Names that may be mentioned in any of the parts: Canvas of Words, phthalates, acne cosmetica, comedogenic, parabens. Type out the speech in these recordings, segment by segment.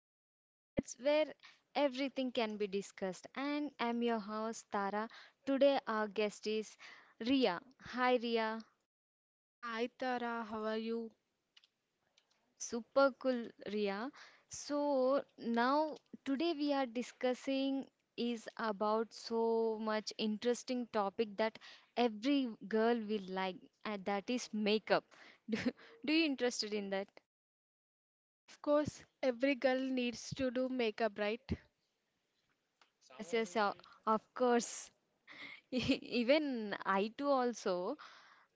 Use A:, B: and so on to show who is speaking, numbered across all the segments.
A: Canvas of Words, where everything can be discussed. And I'm your host, Tara. Today, our guest is Ria. Hi, Ria.
B: Hi Tara, how are you?
A: I'm super cool, Ria. Now today we are discussing is about so much interesting topic that every girl will like, and that is makeup. Do, do you interested in that?
B: Of course, every girl needs to do makeup, right?
A: Yes, of course. Even I too also.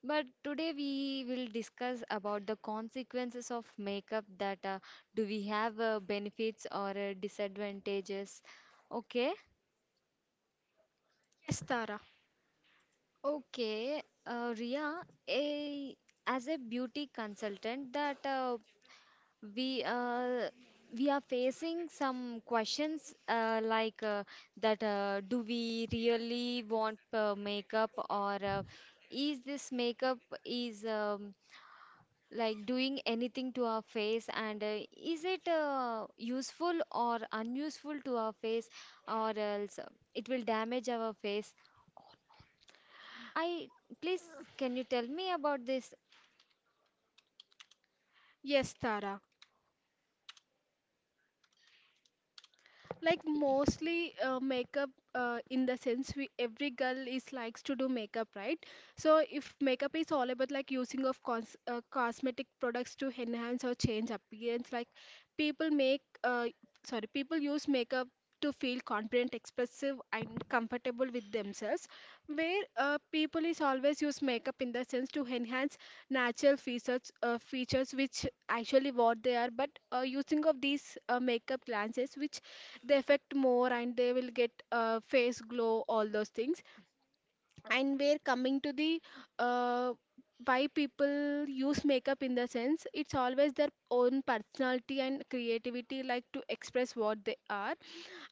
A: But today we will discuss about the consequences of makeup that do we have benefits or disadvantages. Okay.
B: Yes, Tara.
A: Okay, Ria, a, as a beauty consultant, that we uh, we are facing some questions like that: do we really want makeup, or is this makeup is like doing anything to our face, and is it useful or unuseful to our face, or else it will damage our face. I Please, can you tell me about this?
B: Yes, Tara. Like
A: Y-
B: mostly makeup in the sense we every girl is likes to do makeup, right? So if makeup is all about like using of cosmetic products to enhance or change appearance, like people make sorry people use makeup to feel confident, expressive and comfortable with themselves, where people is always use makeup in the sense to enhance natural features, which actually what they are, but using of these makeup lenses which they affect more, and they will get face glow, all those things. And we're coming to the uh, why people use makeup, in the sense it's always their own personality and creativity, like to express what they are.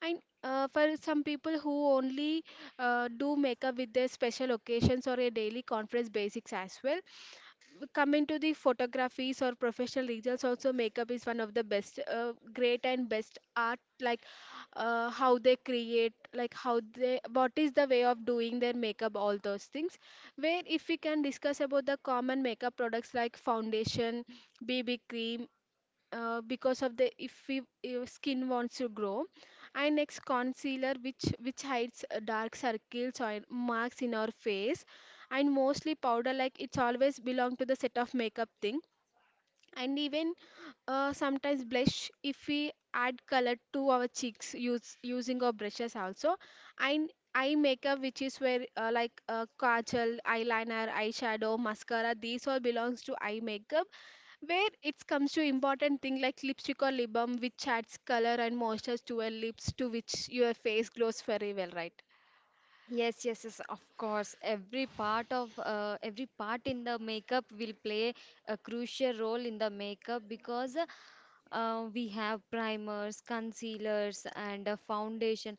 B: And for some people who only do makeup with their special occasions or a daily conference basics as well. Coming to the photographies or professional results, also makeup is one of the best, great and best art, like how they create, like how they, what is the way of doing their makeup, all those things, where if we can discuss about the common makeup products like foundation, BB cream, because of the iffy skin wants to grow. And next concealer, which hides dark circles or marks in our face. And mostly powder, like it's always belong to the set of makeup thing. And even sometimes blush, if we add color to our cheeks, use using our brushes also. And eye makeup, which is where kajal, eyeliner, eyeshadow, mascara, these all belongs to eye makeup, where it comes to important thing like lipstick or lip balm, which adds color and moisture to your lips, to which your face glows very well, right?
A: yes, yes, of course. Every part of every part in the makeup will play a crucial role in the makeup because we have primers, concealers, and a foundation.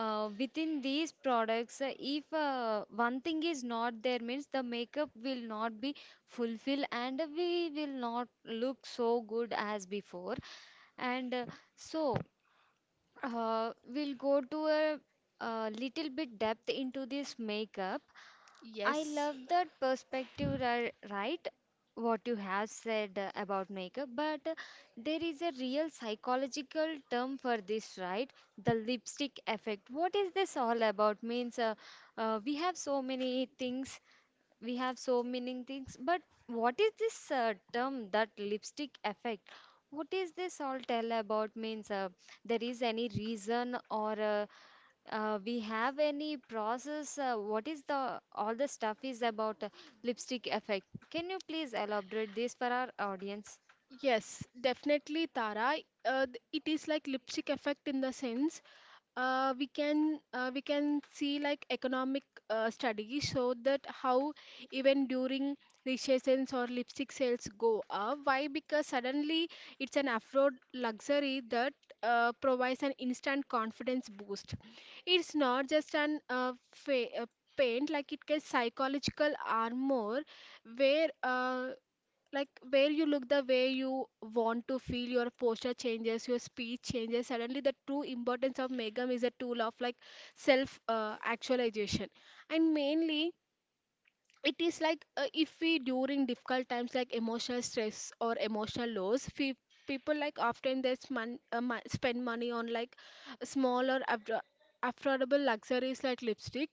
A: Within these products, if one thing is not there, means the makeup will not be fulfilled and we will not look so good as before. And so, we'll go to a little bit depth into this makeup. I
B: Yes.
A: love that perspective, right? What you have said about makeup, but there is a real psychological term for this, right? The lipstick effect. What is this all about? Means we have so many things, but what is this term that lipstick effect, what is this all tell about? Means there is any reason or we have any process? What is the all the stuff is about lipstick effect? Can you please elaborate this for our audience?
B: Yes, definitely, Tara. It is like lipstick effect in the sense we can see like economic studies show that how even during recessions or lipstick sales go up, why? Because suddenly it's an afford luxury that provides an instant confidence boost. It's not just an paint, like it can psychological armor, where like where you look the way you want to feel, your posture changes, your speech changes, suddenly the true importance of megam is a tool of like self actualization. And mainly it is like, if we during difficult times like emotional stress or emotional loss, people like often they spend money on like small or abdo- affordable luxuries like lipstick.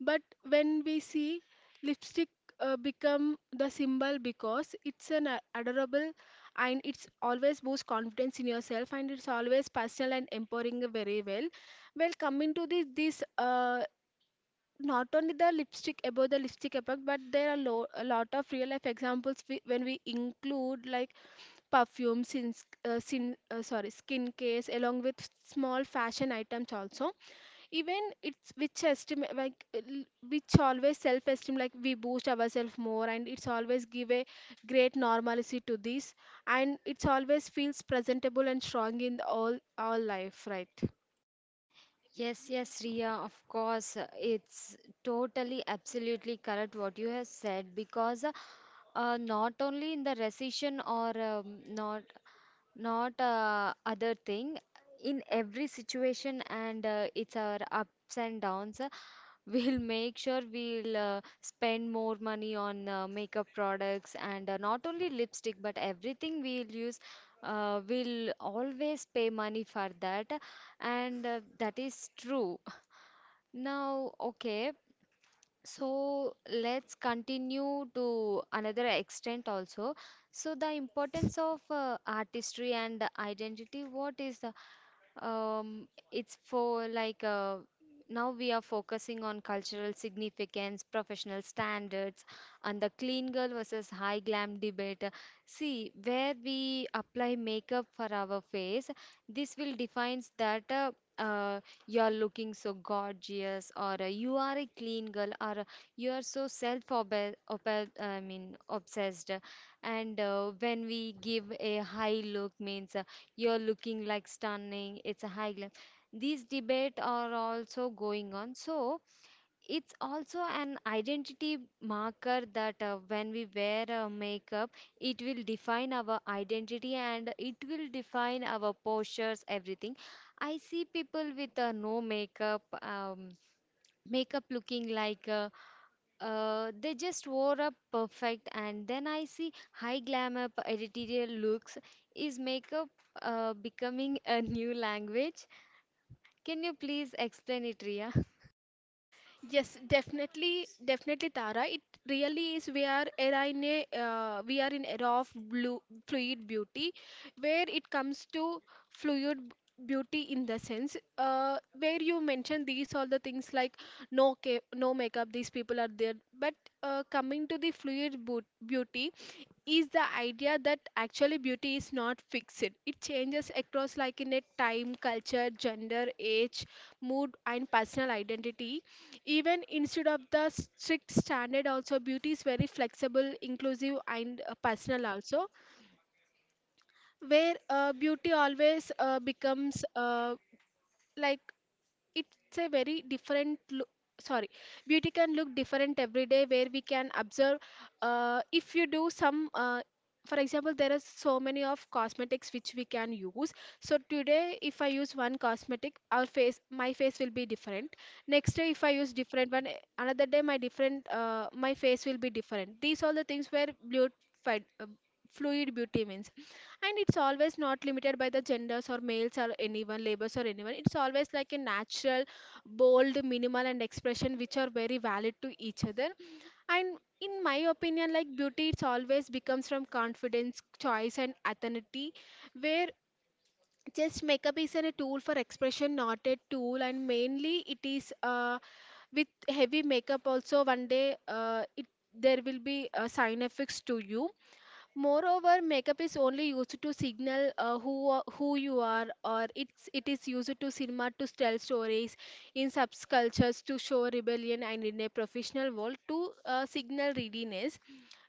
B: But when we see lipstick become the symbol, because it's an adorable, and it's always boost confidence in yourself, and it's always personal and empowering very well. Well, coming to this, not only the lipstick, about the lipstick effect, but there are a lot of real life examples, when we include like perfume sins, sin, sorry skin case along with small fashion items also. Even it's which esteem like which always self esteem, like we boost ourselves more, and it's always give a great normalcy to this, and it's always feels presentable and strong in the all life, right?
A: Yes, yes, Riya, of course. It's totally, absolutely correct what you have said because not only in the recession or not other thing, in every situation and it's our ups and downs. We'll make sure we'll spend more money on makeup products and not only lipstick but everything we'll use. We'll always pay money for that, and that is true. Now, okay, so let's continue to another extent also. So the importance of artistry and identity, what is the it's for like now we are focusing on cultural significance, professional standards, and the clean girl versus high glam debate. See, where we apply makeup for our face, this will defines that uh, you're looking so gorgeous, or you are a clean girl, or you are so self-obsessed. I mean, obsessed. And when we give a high look means, you're looking like stunning. It's a high glam. These debate are also going on. So it's also an identity marker that when we wear a makeup, it will define our identity and it will define our postures, everything. I see people with no makeup, makeup looking like they just wore up perfect, and then I see high glamour editorial looks. Is makeup becoming a new language? Can you please explain it, Ria?
B: Yes, definitely, definitely, Tara. It really is. We are era in a we are in era of blue fluid beauty, where it comes to fluid b- beauty in the sense where you mentioned these all the things like no makeup. These people are there, but coming to the beauty is the idea that actually beauty is not fixed. It changes across like in a time, culture, gender, age, mood, and personal identity. Even instead of the strict standard, also beauty is very flexible, inclusive, and personal also, where beauty always becomes like it's a very different look. Sorry, beauty can look different every day, where we can observe if you do some for example, there are so many of cosmetics which we can use. So today if I use one cosmetic, our face, my face will be different. Next day if I use different one, another day my different my face will be different, these all the things, where blue fluid beauty means. And it's always not limited by the genders or males or anyone, labels or anyone, it's always like a natural, bold, minimal and expression which are very valid to each other. And in my opinion, like beauty, it's always becomes from confidence, choice and authenticity, where just makeup is a tool for expression, not a tool. And mainly it is with heavy makeup also, one day it there will be sign effects to you. Moreover, makeup is only used to signal who you are, or it is used to cinema to tell stories, in subcultures to show rebellion, and in a professional world to signal readiness.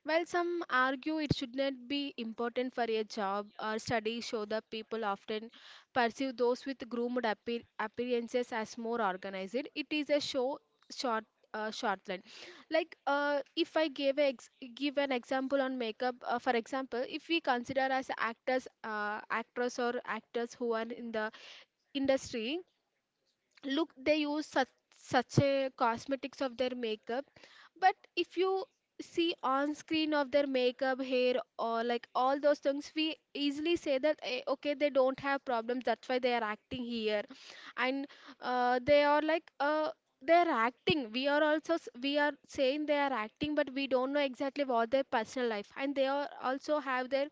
B: While some argue it should not be important for a job, or studies show that people often perceive those with appearances as more organized. It is a show short shortland. Like if I give an example on makeup, for example, if we consider as actors, actress or actors who are in the industry, look they use such a cosmetics of their makeup. But if you see on screen of their makeup, hair or like all those things, we easily say that, okay, they don't have problems, that's why they are acting here. And uh, they are like uh, they are acting, we are also we are saying they are acting, but we don't know exactly what their personal life, and they are also have their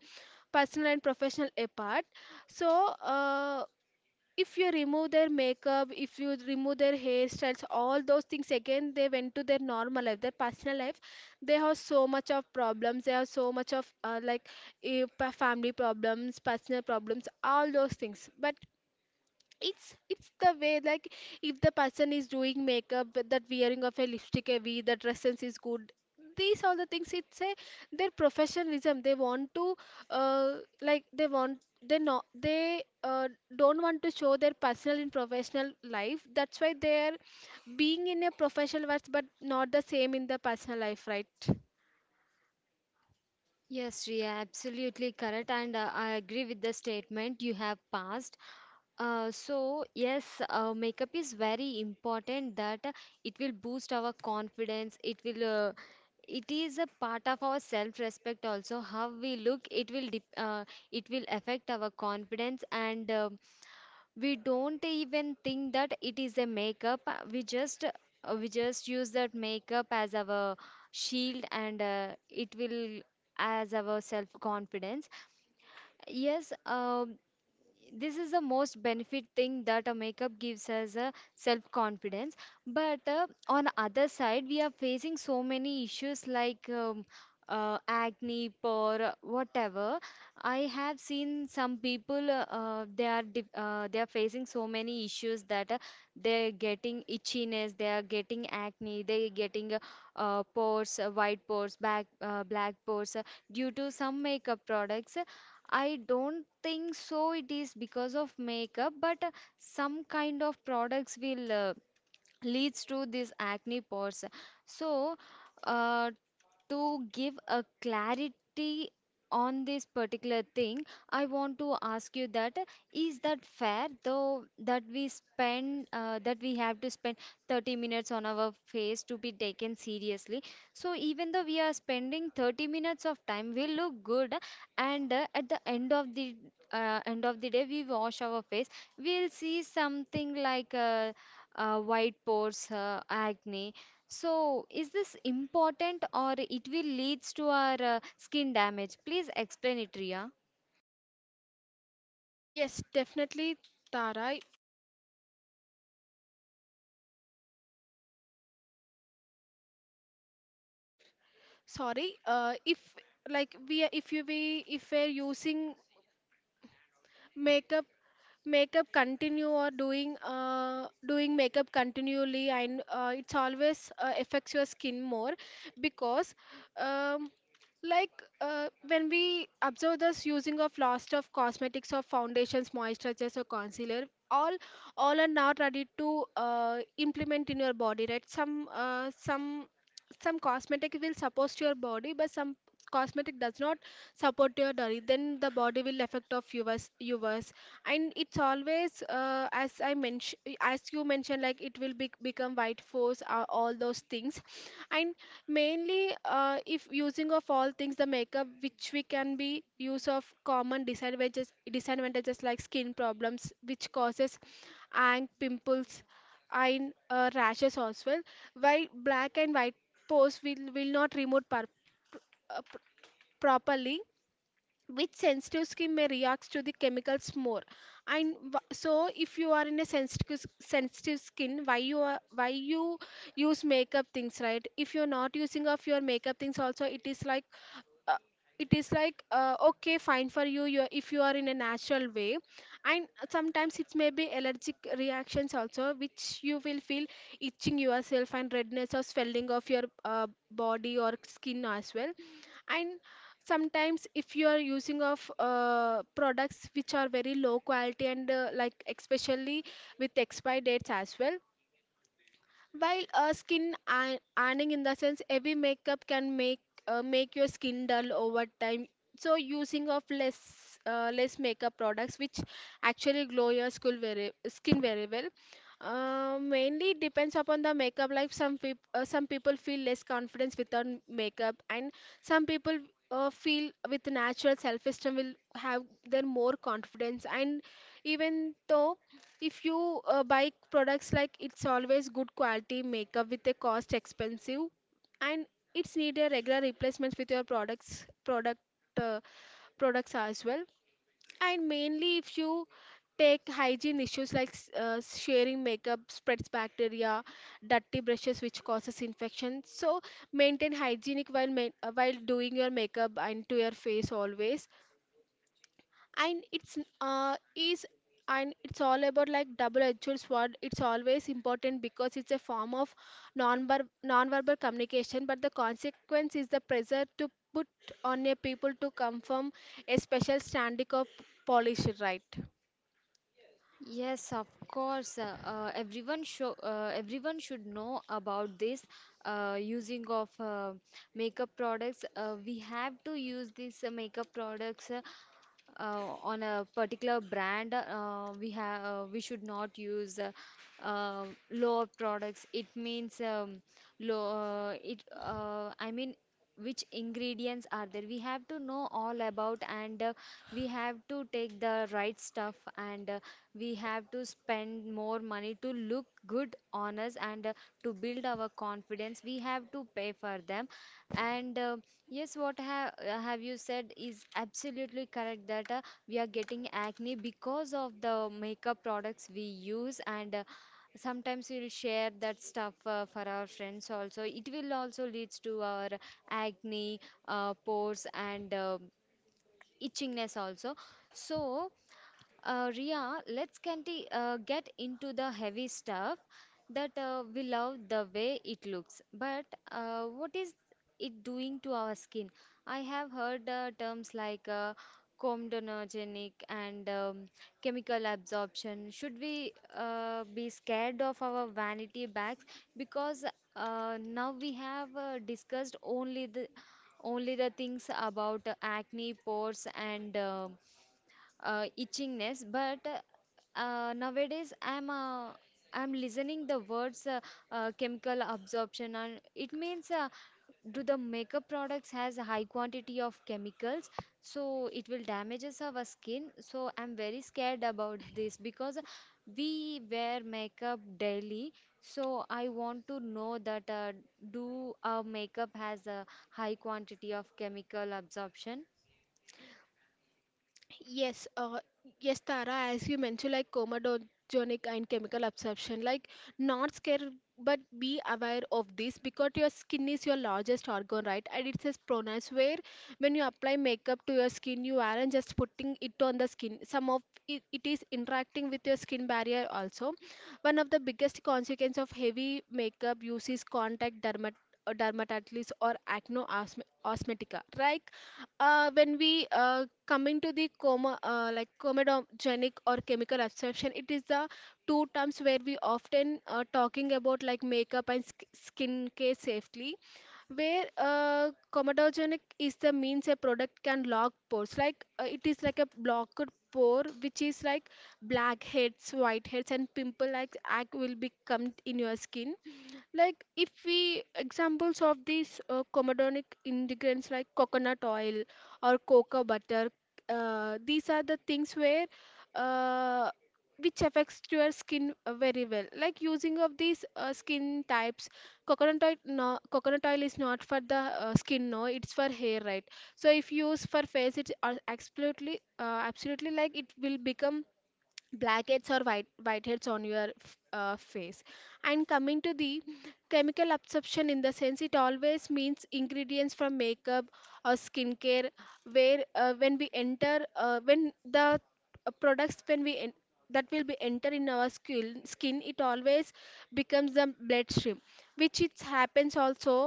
B: personal and professional apart. So if you remove their makeup, if you remove their hairstyles, all those things, again they went to their normal life, their personal life, they have so much of problems, they have so much of family problems, personal problems, all those things. But it's the way like, if the person is doing makeup but that wearing of a lipstick heavy, that dresses is good, these all the things, it's a their professionalism, they want to uh, they want, they not they don't want to show their personal and professional life, that's why they are being in a professional work, but not the same in the personal life, right?
A: Yes, Ria, absolutely correct, and I agree with the statement you have passed. So yes, makeup is very important that it will boost our confidence. It will, it is a part of our self-respect also. How we look, it will, dep it will affect our confidence, and we don't even think that it is a makeup. We just use that makeup as our shield, and it will as our self-confidence. Yes, this is the most benefit thing that a makeup gives us a self confidence, but on other side we are facing so many issues like acne or whatever. I have seen some people, they are facing so many issues that they're getting itchiness, they are getting acne, they're getting pores, white pores, back black pores, due to some makeup products. I don't think so. It is because of makeup, but some kind of products will leads to this acne pores. So, uh, to give a clarity on this particular thing, I want to ask you that is that fair though that we spend that we have to spend 30 minutes on our face to be taken seriously, so even though we are spending 30 minutes of time we look good, and at the end of the end of the day we wash our face, we'll see something like white pores, acne. So, is this important or it will leads to our skin damage? Please explain it, Ria.
B: Yes, definitely, Tara. Sorry, if like we are if you we if we're using makeup makeup continue, or doing makeup continually, and it's always affects your skin more, because um, like when we observe this using of lots of cosmetics or foundations, moisturizers or concealer, all all are not ready to implement in your body, right? Some cosmetic will support your body, but some cosmetic does not support your body, then the body will affect of yours. And it's always as I mentioned, as you mentioned, like it will be, become white force all those things. And mainly if using of all things, the makeup which we can be use of common disadvantages like skin problems which causes, and pimples, and rashes as well. While black and white pores will not remove uh, pr- properly, which sensitive skin may react to the chemicals more. And so if you are in a sensitive skin, why you are, why you use makeup things, right? If you're not using of your makeup things also, it is like uh, okay, fine for you, you if you are in a natural way. And sometimes it may be allergic reactions also, which you will feel itching yourself and redness or swelling of your body or skin as well. And sometimes if you are using of products which are very low quality, and like especially with expiry dates as well. While ironing, in the sense, heavy makeup can make make your skin dull over time. So using of less, less makeup products, which actually glow your skin very well. Mainly it depends upon the makeup. Like some people feel less confidence without makeup, and some people feel with natural self-esteem will have their more confidence. And even though if you buy products, like it's always good quality makeup with a cost expensive, and it's need a regular replacements with your products product uh, products as well. And mainly if you take hygiene issues like sharing makeup spreads bacteria, dirty brushes which causes infection. So maintain hygienic while while doing your makeup and to your face always. And it's is and it's all about like double-edged sword. It's always important because it's a form of non-verbal communication, but the consequence is the pressure to put on a people to conform a special standard of polish, right?
A: Yes, of course. Everyone should know about this using of makeup products. We have to use these makeup products on a particular brand. We should not use uh, lower products. It means low. It I mean which ingredients are there, we have to know all about, and we have to take the right stuff, and we have to spend more money to look good on us, and to build our confidence we have to pay for them, and yes what have you said is absolutely correct that we are getting acne because of the makeup products we use, and sometimes we'll share that stuff for our friends also it will also leads to our acne, pores, and itchingness also. So Ria, let's get, the, get into the heavy stuff that we love the way it looks. But what is it doing to our skin? I have heard terms like comedogenic and chemical absorption. Should we be scared of our vanity bags? Because now we have discussed only the things about acne, pores, and itchingness, but nowadays I'm listening the words chemical absorption, and it means do the makeup products has a high quantity of chemicals, so it will damages our skin, so I'm very scared about this because we wear makeup daily. So I want to know that do our makeup has a high quantity of chemical absorption?
B: Yes, uh, yes, Tara, as you mentioned, like comedogenic and chemical absorption, like not scared, but be aware of this because your skin is your largest organ, right? And it says pronouns where when you apply makeup to your skin, you aren't just putting it on the skin. Some of it is interacting with your skin barrier also. One of the biggest consequence of heavy makeup use is contact dermatitis or acne osmetica, right? When we coming to the like comedogenic or chemical absorption, it is the two terms where we often talking about like makeup and sk skin care safely, where comedogenic is the means a product can lock pores, like it is like a blocked pore, which is like blackheads, whiteheads, and pimple like act will become in your skin. Like if we examples of these comedonic ingredients like coconut oil or cocoa butter. These are the things where uh, which affects to your skin very well, like using of these skin types. Coconut oil, no, coconut oil is not for the skin, no, it's for hair, right? So if you use for face it's absolutely like it will become blackheads or whiteheads on your face. And coming to the chemical absorption, in the sense it always means ingredients from makeup or skincare, where when we enter when the products when we en- that will be enter in our skin. It always becomes the bloodstream, which it happens also.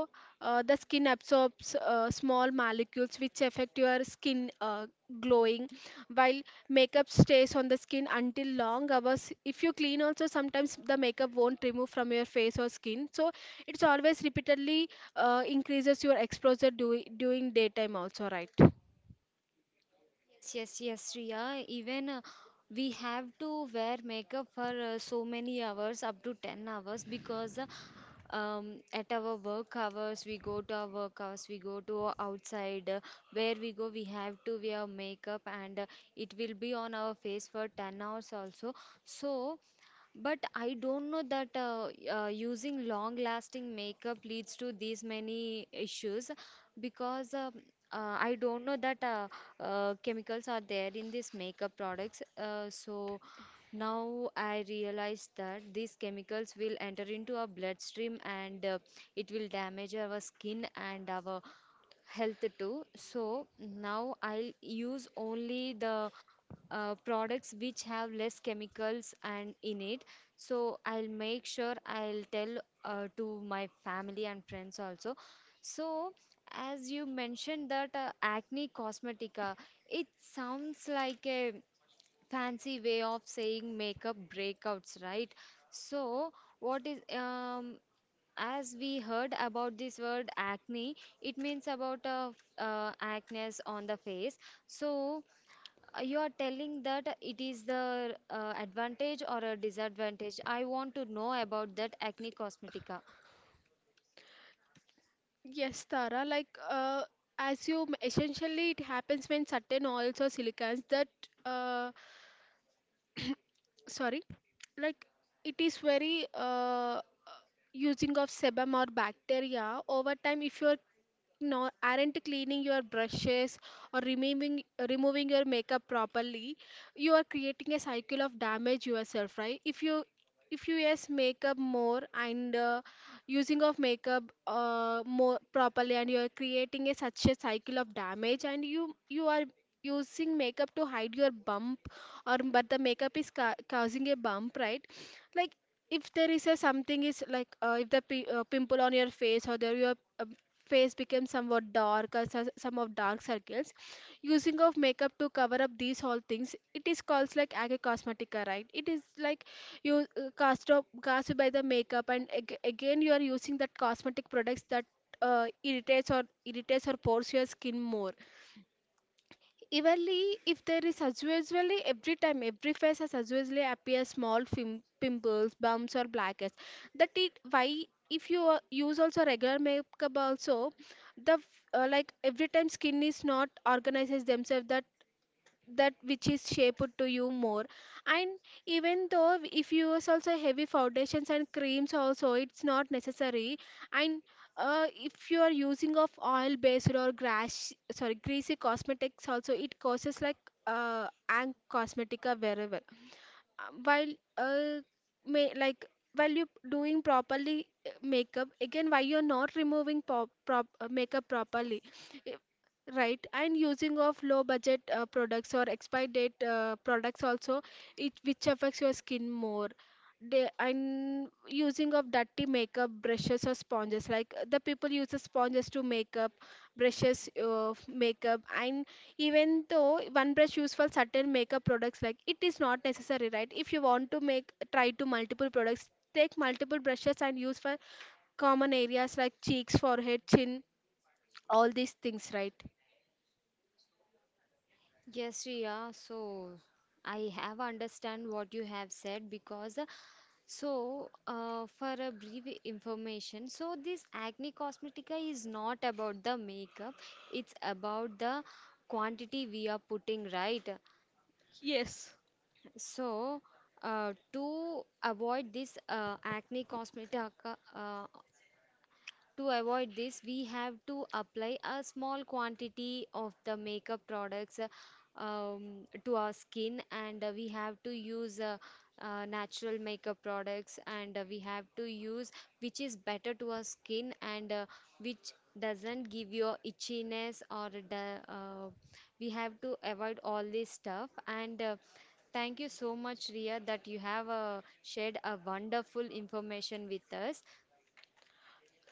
B: The skin absorbs small molecules which affect your skin glowing, while makeup stays on the skin until long hours. If you clean also, sometimes the makeup won't remove from your face or skin, so it's always repeatedly increases your exposure during daytime also, right?
A: Yes, yes, yes, Riya. Even we have to wear makeup for so many hours, up to 10 hours, because at our work hours, we go to our work hours, we go to outside. Where we go, we have to wear makeup, and it will be on our face for 10 hours also. So, but I don't know that using long lasting makeup leads to these many issues because I don't know that chemicals are there in these makeup products. So now I realize that these chemicals will enter into our bloodstream, and it will damage our skin and our health too. So now I'll use only the products which have less chemicals and in it, so I'll make sure I'll tell to my family and friends also. So as you mentioned that acne cosmetica, it sounds like a fancy way of saying makeup breakouts, right? So what is as we heard about this word acne, it means about acne on the face. So you are telling that it is the advantage or a disadvantage. I want to know about that acne cosmetica.
B: Yes, Tara, like essentially it happens when certain oils or silicons that uh, sorry, like it is very using of sebum or bacteria over time. If you're no, aren't cleaning your brushes or removing your makeup properly, you are creating a cycle of damage yourself, right? If you yes makeup more and using of makeup more properly, and you are creating a such a cycle of damage, and you are using makeup to hide your bump, or but the makeup is causing a bump, right? Like if there is a something is like if the pimple on your face, or there your face becomes somewhat dark or some of dark circles, using of makeup to cover up these all things, it is called like aga cosmetica, right? It is like you cast by the makeup, and again you are using that cosmetic products that irritates or pores your skin more. Evenly, if there is usually every time every face has usually appear small pimples, bumps or blackheads. That it why if you use also regular makeup also, the f- like every time skin is not organizes themselves, that that which is shaped to you more. And even though if you use also heavy foundations and creams also, it's not necessary. And if you are using of oil based or grass, sorry, greasy cosmetics also, it causes like and cosmetica wherever while uh, may, like while you doing properly makeup, again why you're not removing makeup properly. Eh, right. And using of low budget products or expired date products also, it which affects your skin more. They, and using of dirty makeup brushes or sponges, like the people use the sponges to makeup. And even though OnePlus used for certain makeup products, like it is not necessary, right? If you want to make try to multiple products, take multiple brushes and use for common areas like cheeks, forehead, chin, all these things, right?
A: Yes, Riya. So I have understand what you have said because so for a brief information. So this acne cosmetica is not about the makeup. It's about the quantity we are putting, right?
B: Yes.
A: So to avoid this acne cosmetica, uh, to avoid this, we have to apply a small quantity of the makeup products to our skin, and we have to use natural makeup products, and we have to use which is better to our skin, and which doesn't give your itchiness or the, we have to avoid all this stuff, and thank you so much, Ria, that you have shared a wonderful information with us.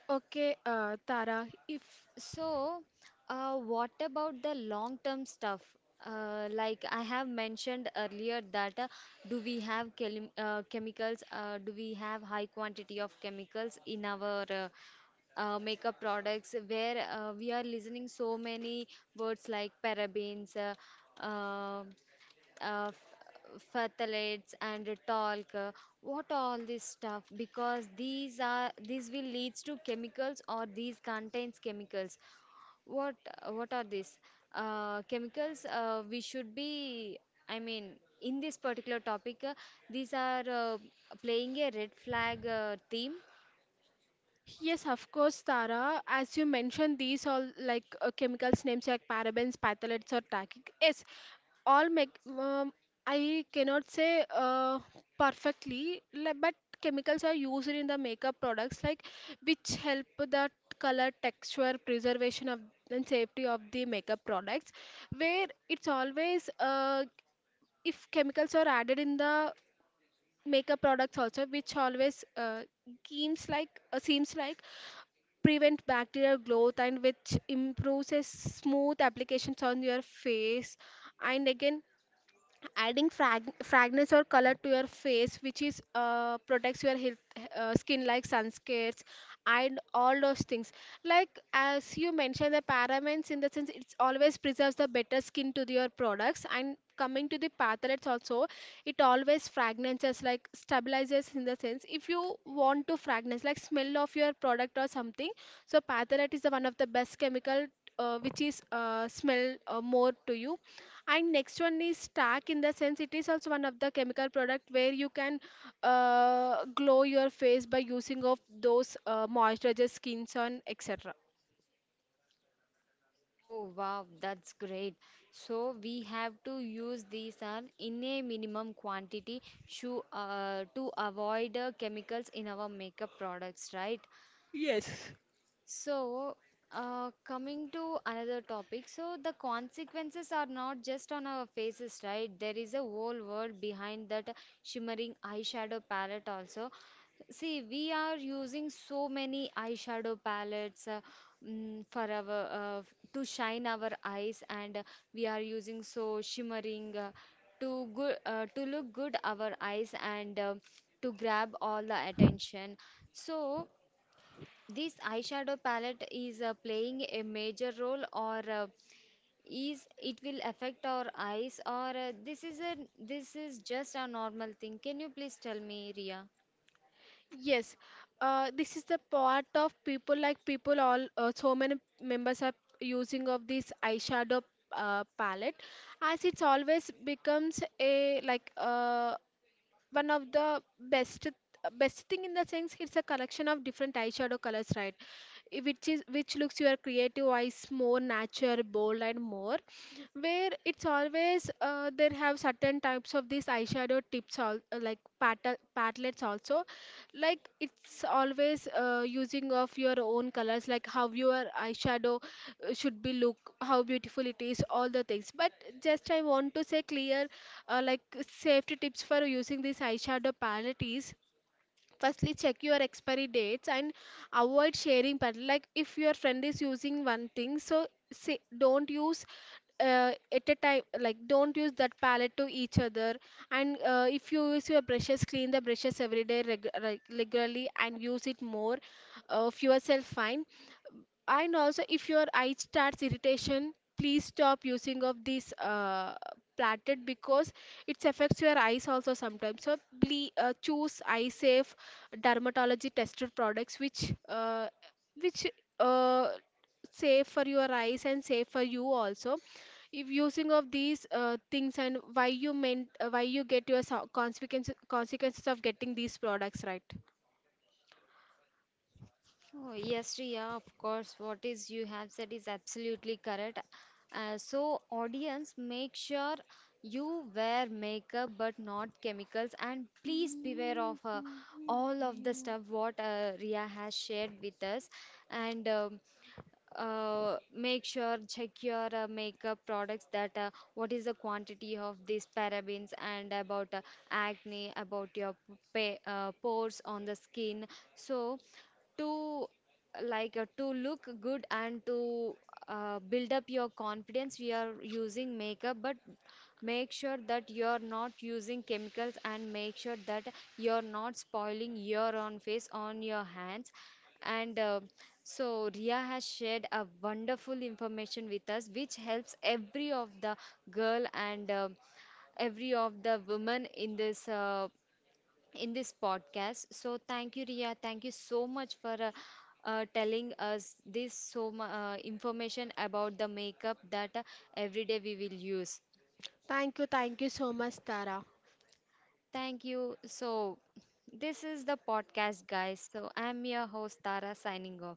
B: Okay, Tara, if
A: So, what about the long-term stuff? Like I have mentioned earlier that do we have chemicals? Do we have high quantity of chemicals in our makeup products? Where we are listening so many words like parabens, uh, uh, phthalates, and talc. What all this stuff? Because these are these will leads to chemicals or these contains chemicals. What what are these chemicals? We should be, I mean, in this particular topic, these are playing a red flag theme.
B: Yes, of course, Tara. As you mentioned, these all like chemicals names like parabens, phthalates, or tackic. Yes, all make. I cannot say perfectly, but chemicals are used in the makeup products like which help the color, texture, preservation of and safety of the makeup products. Where it's always if chemicals are added in the makeup products also, which always seems like prevent bacterial growth and which improves a smooth applications on your face. And again, adding fragrance or color to your face, which is protects your health, skin, like sunscreens and all those things. Like as you mentioned the parabens, in the sense it's always preserves the better skin to your products. And coming to the parthalates also, it always fragrances like stabilizes, in the sense if you want to fragrance like smell of your product or something. So pathalate is the one of the best chemical which is smell more to you. And next one is stack, in the sense it is also one of the chemical product where you can glow your face by using of those moisturizer skins on, etc.
A: Oh wow, that's great. So we have to use these are in a minimum quantity to avoid chemicals in our makeup products, right?
B: Yes.
A: So, coming to another topic, so the consequences are not just on our faces, right? There is a whole world behind that shimmering eyeshadow palette, also. See, we are using so many eyeshadow palettes for our to shine our eyes, and we are using so shimmering to good to look good our eyes, and to grab all the attention. So. This eyeshadow palette is playing a major role, or is it will affect our eyes, or this is a this is just a normal thing? Can you please tell me, Ria?
B: Yes, this is the part of people, like people all so many members are using of this eyeshadow palette. As it's always becomes a like one of the best best thing, in the sense it's a collection of different eyeshadow colors, right? Which is which looks your creative eyes more natural bold and more, where it's always there have certain types of these eyeshadow tips all palettes also, like it's always using of your own colors, like how your eyeshadow should be look, how beautiful it is, all the things. But just I want to say clear, like safety tips for using this eyeshadow palette is firstly check your expiry dates and avoid sharing palette. Like if your friend is using one thing, so say don't use at a time, like don't use that palette to each other. And if you use your brushes, clean the brushes every day regularly and use it more if yourself fine. And also if your eye starts irritation, please stop using of this platted, because it affects your eyes also sometimes. So please choose eye safe dermatology tested products which which uh, safe for your eyes and safe for you also. If using of these things, and why you meant why you get your consequences of getting these products, right?
A: Oh, yes, Riya, of course. What is you have said is absolutely correct. So, audience, make sure you wear makeup but not chemicals, and please beware of all of the stuff what Riya has shared with us. And make sure check your makeup products that what is the quantity of these parabens and about acne, about your pores on the skin. So to like to look good and to build up your confidence we are using makeup, but make sure that you're not using chemicals, and make sure that you're not spoiling your own face on your hands. And so Ria has shared a wonderful information with us, which helps every of the girl and every of the women in this podcast. So thank you, Ria. Thank you so much for telling us this so information about the makeup that every day we will use.
B: Thank you so much, Tara.
A: Thank you. So, this is the podcast, guys. So, I'm your host, Tara, signing off.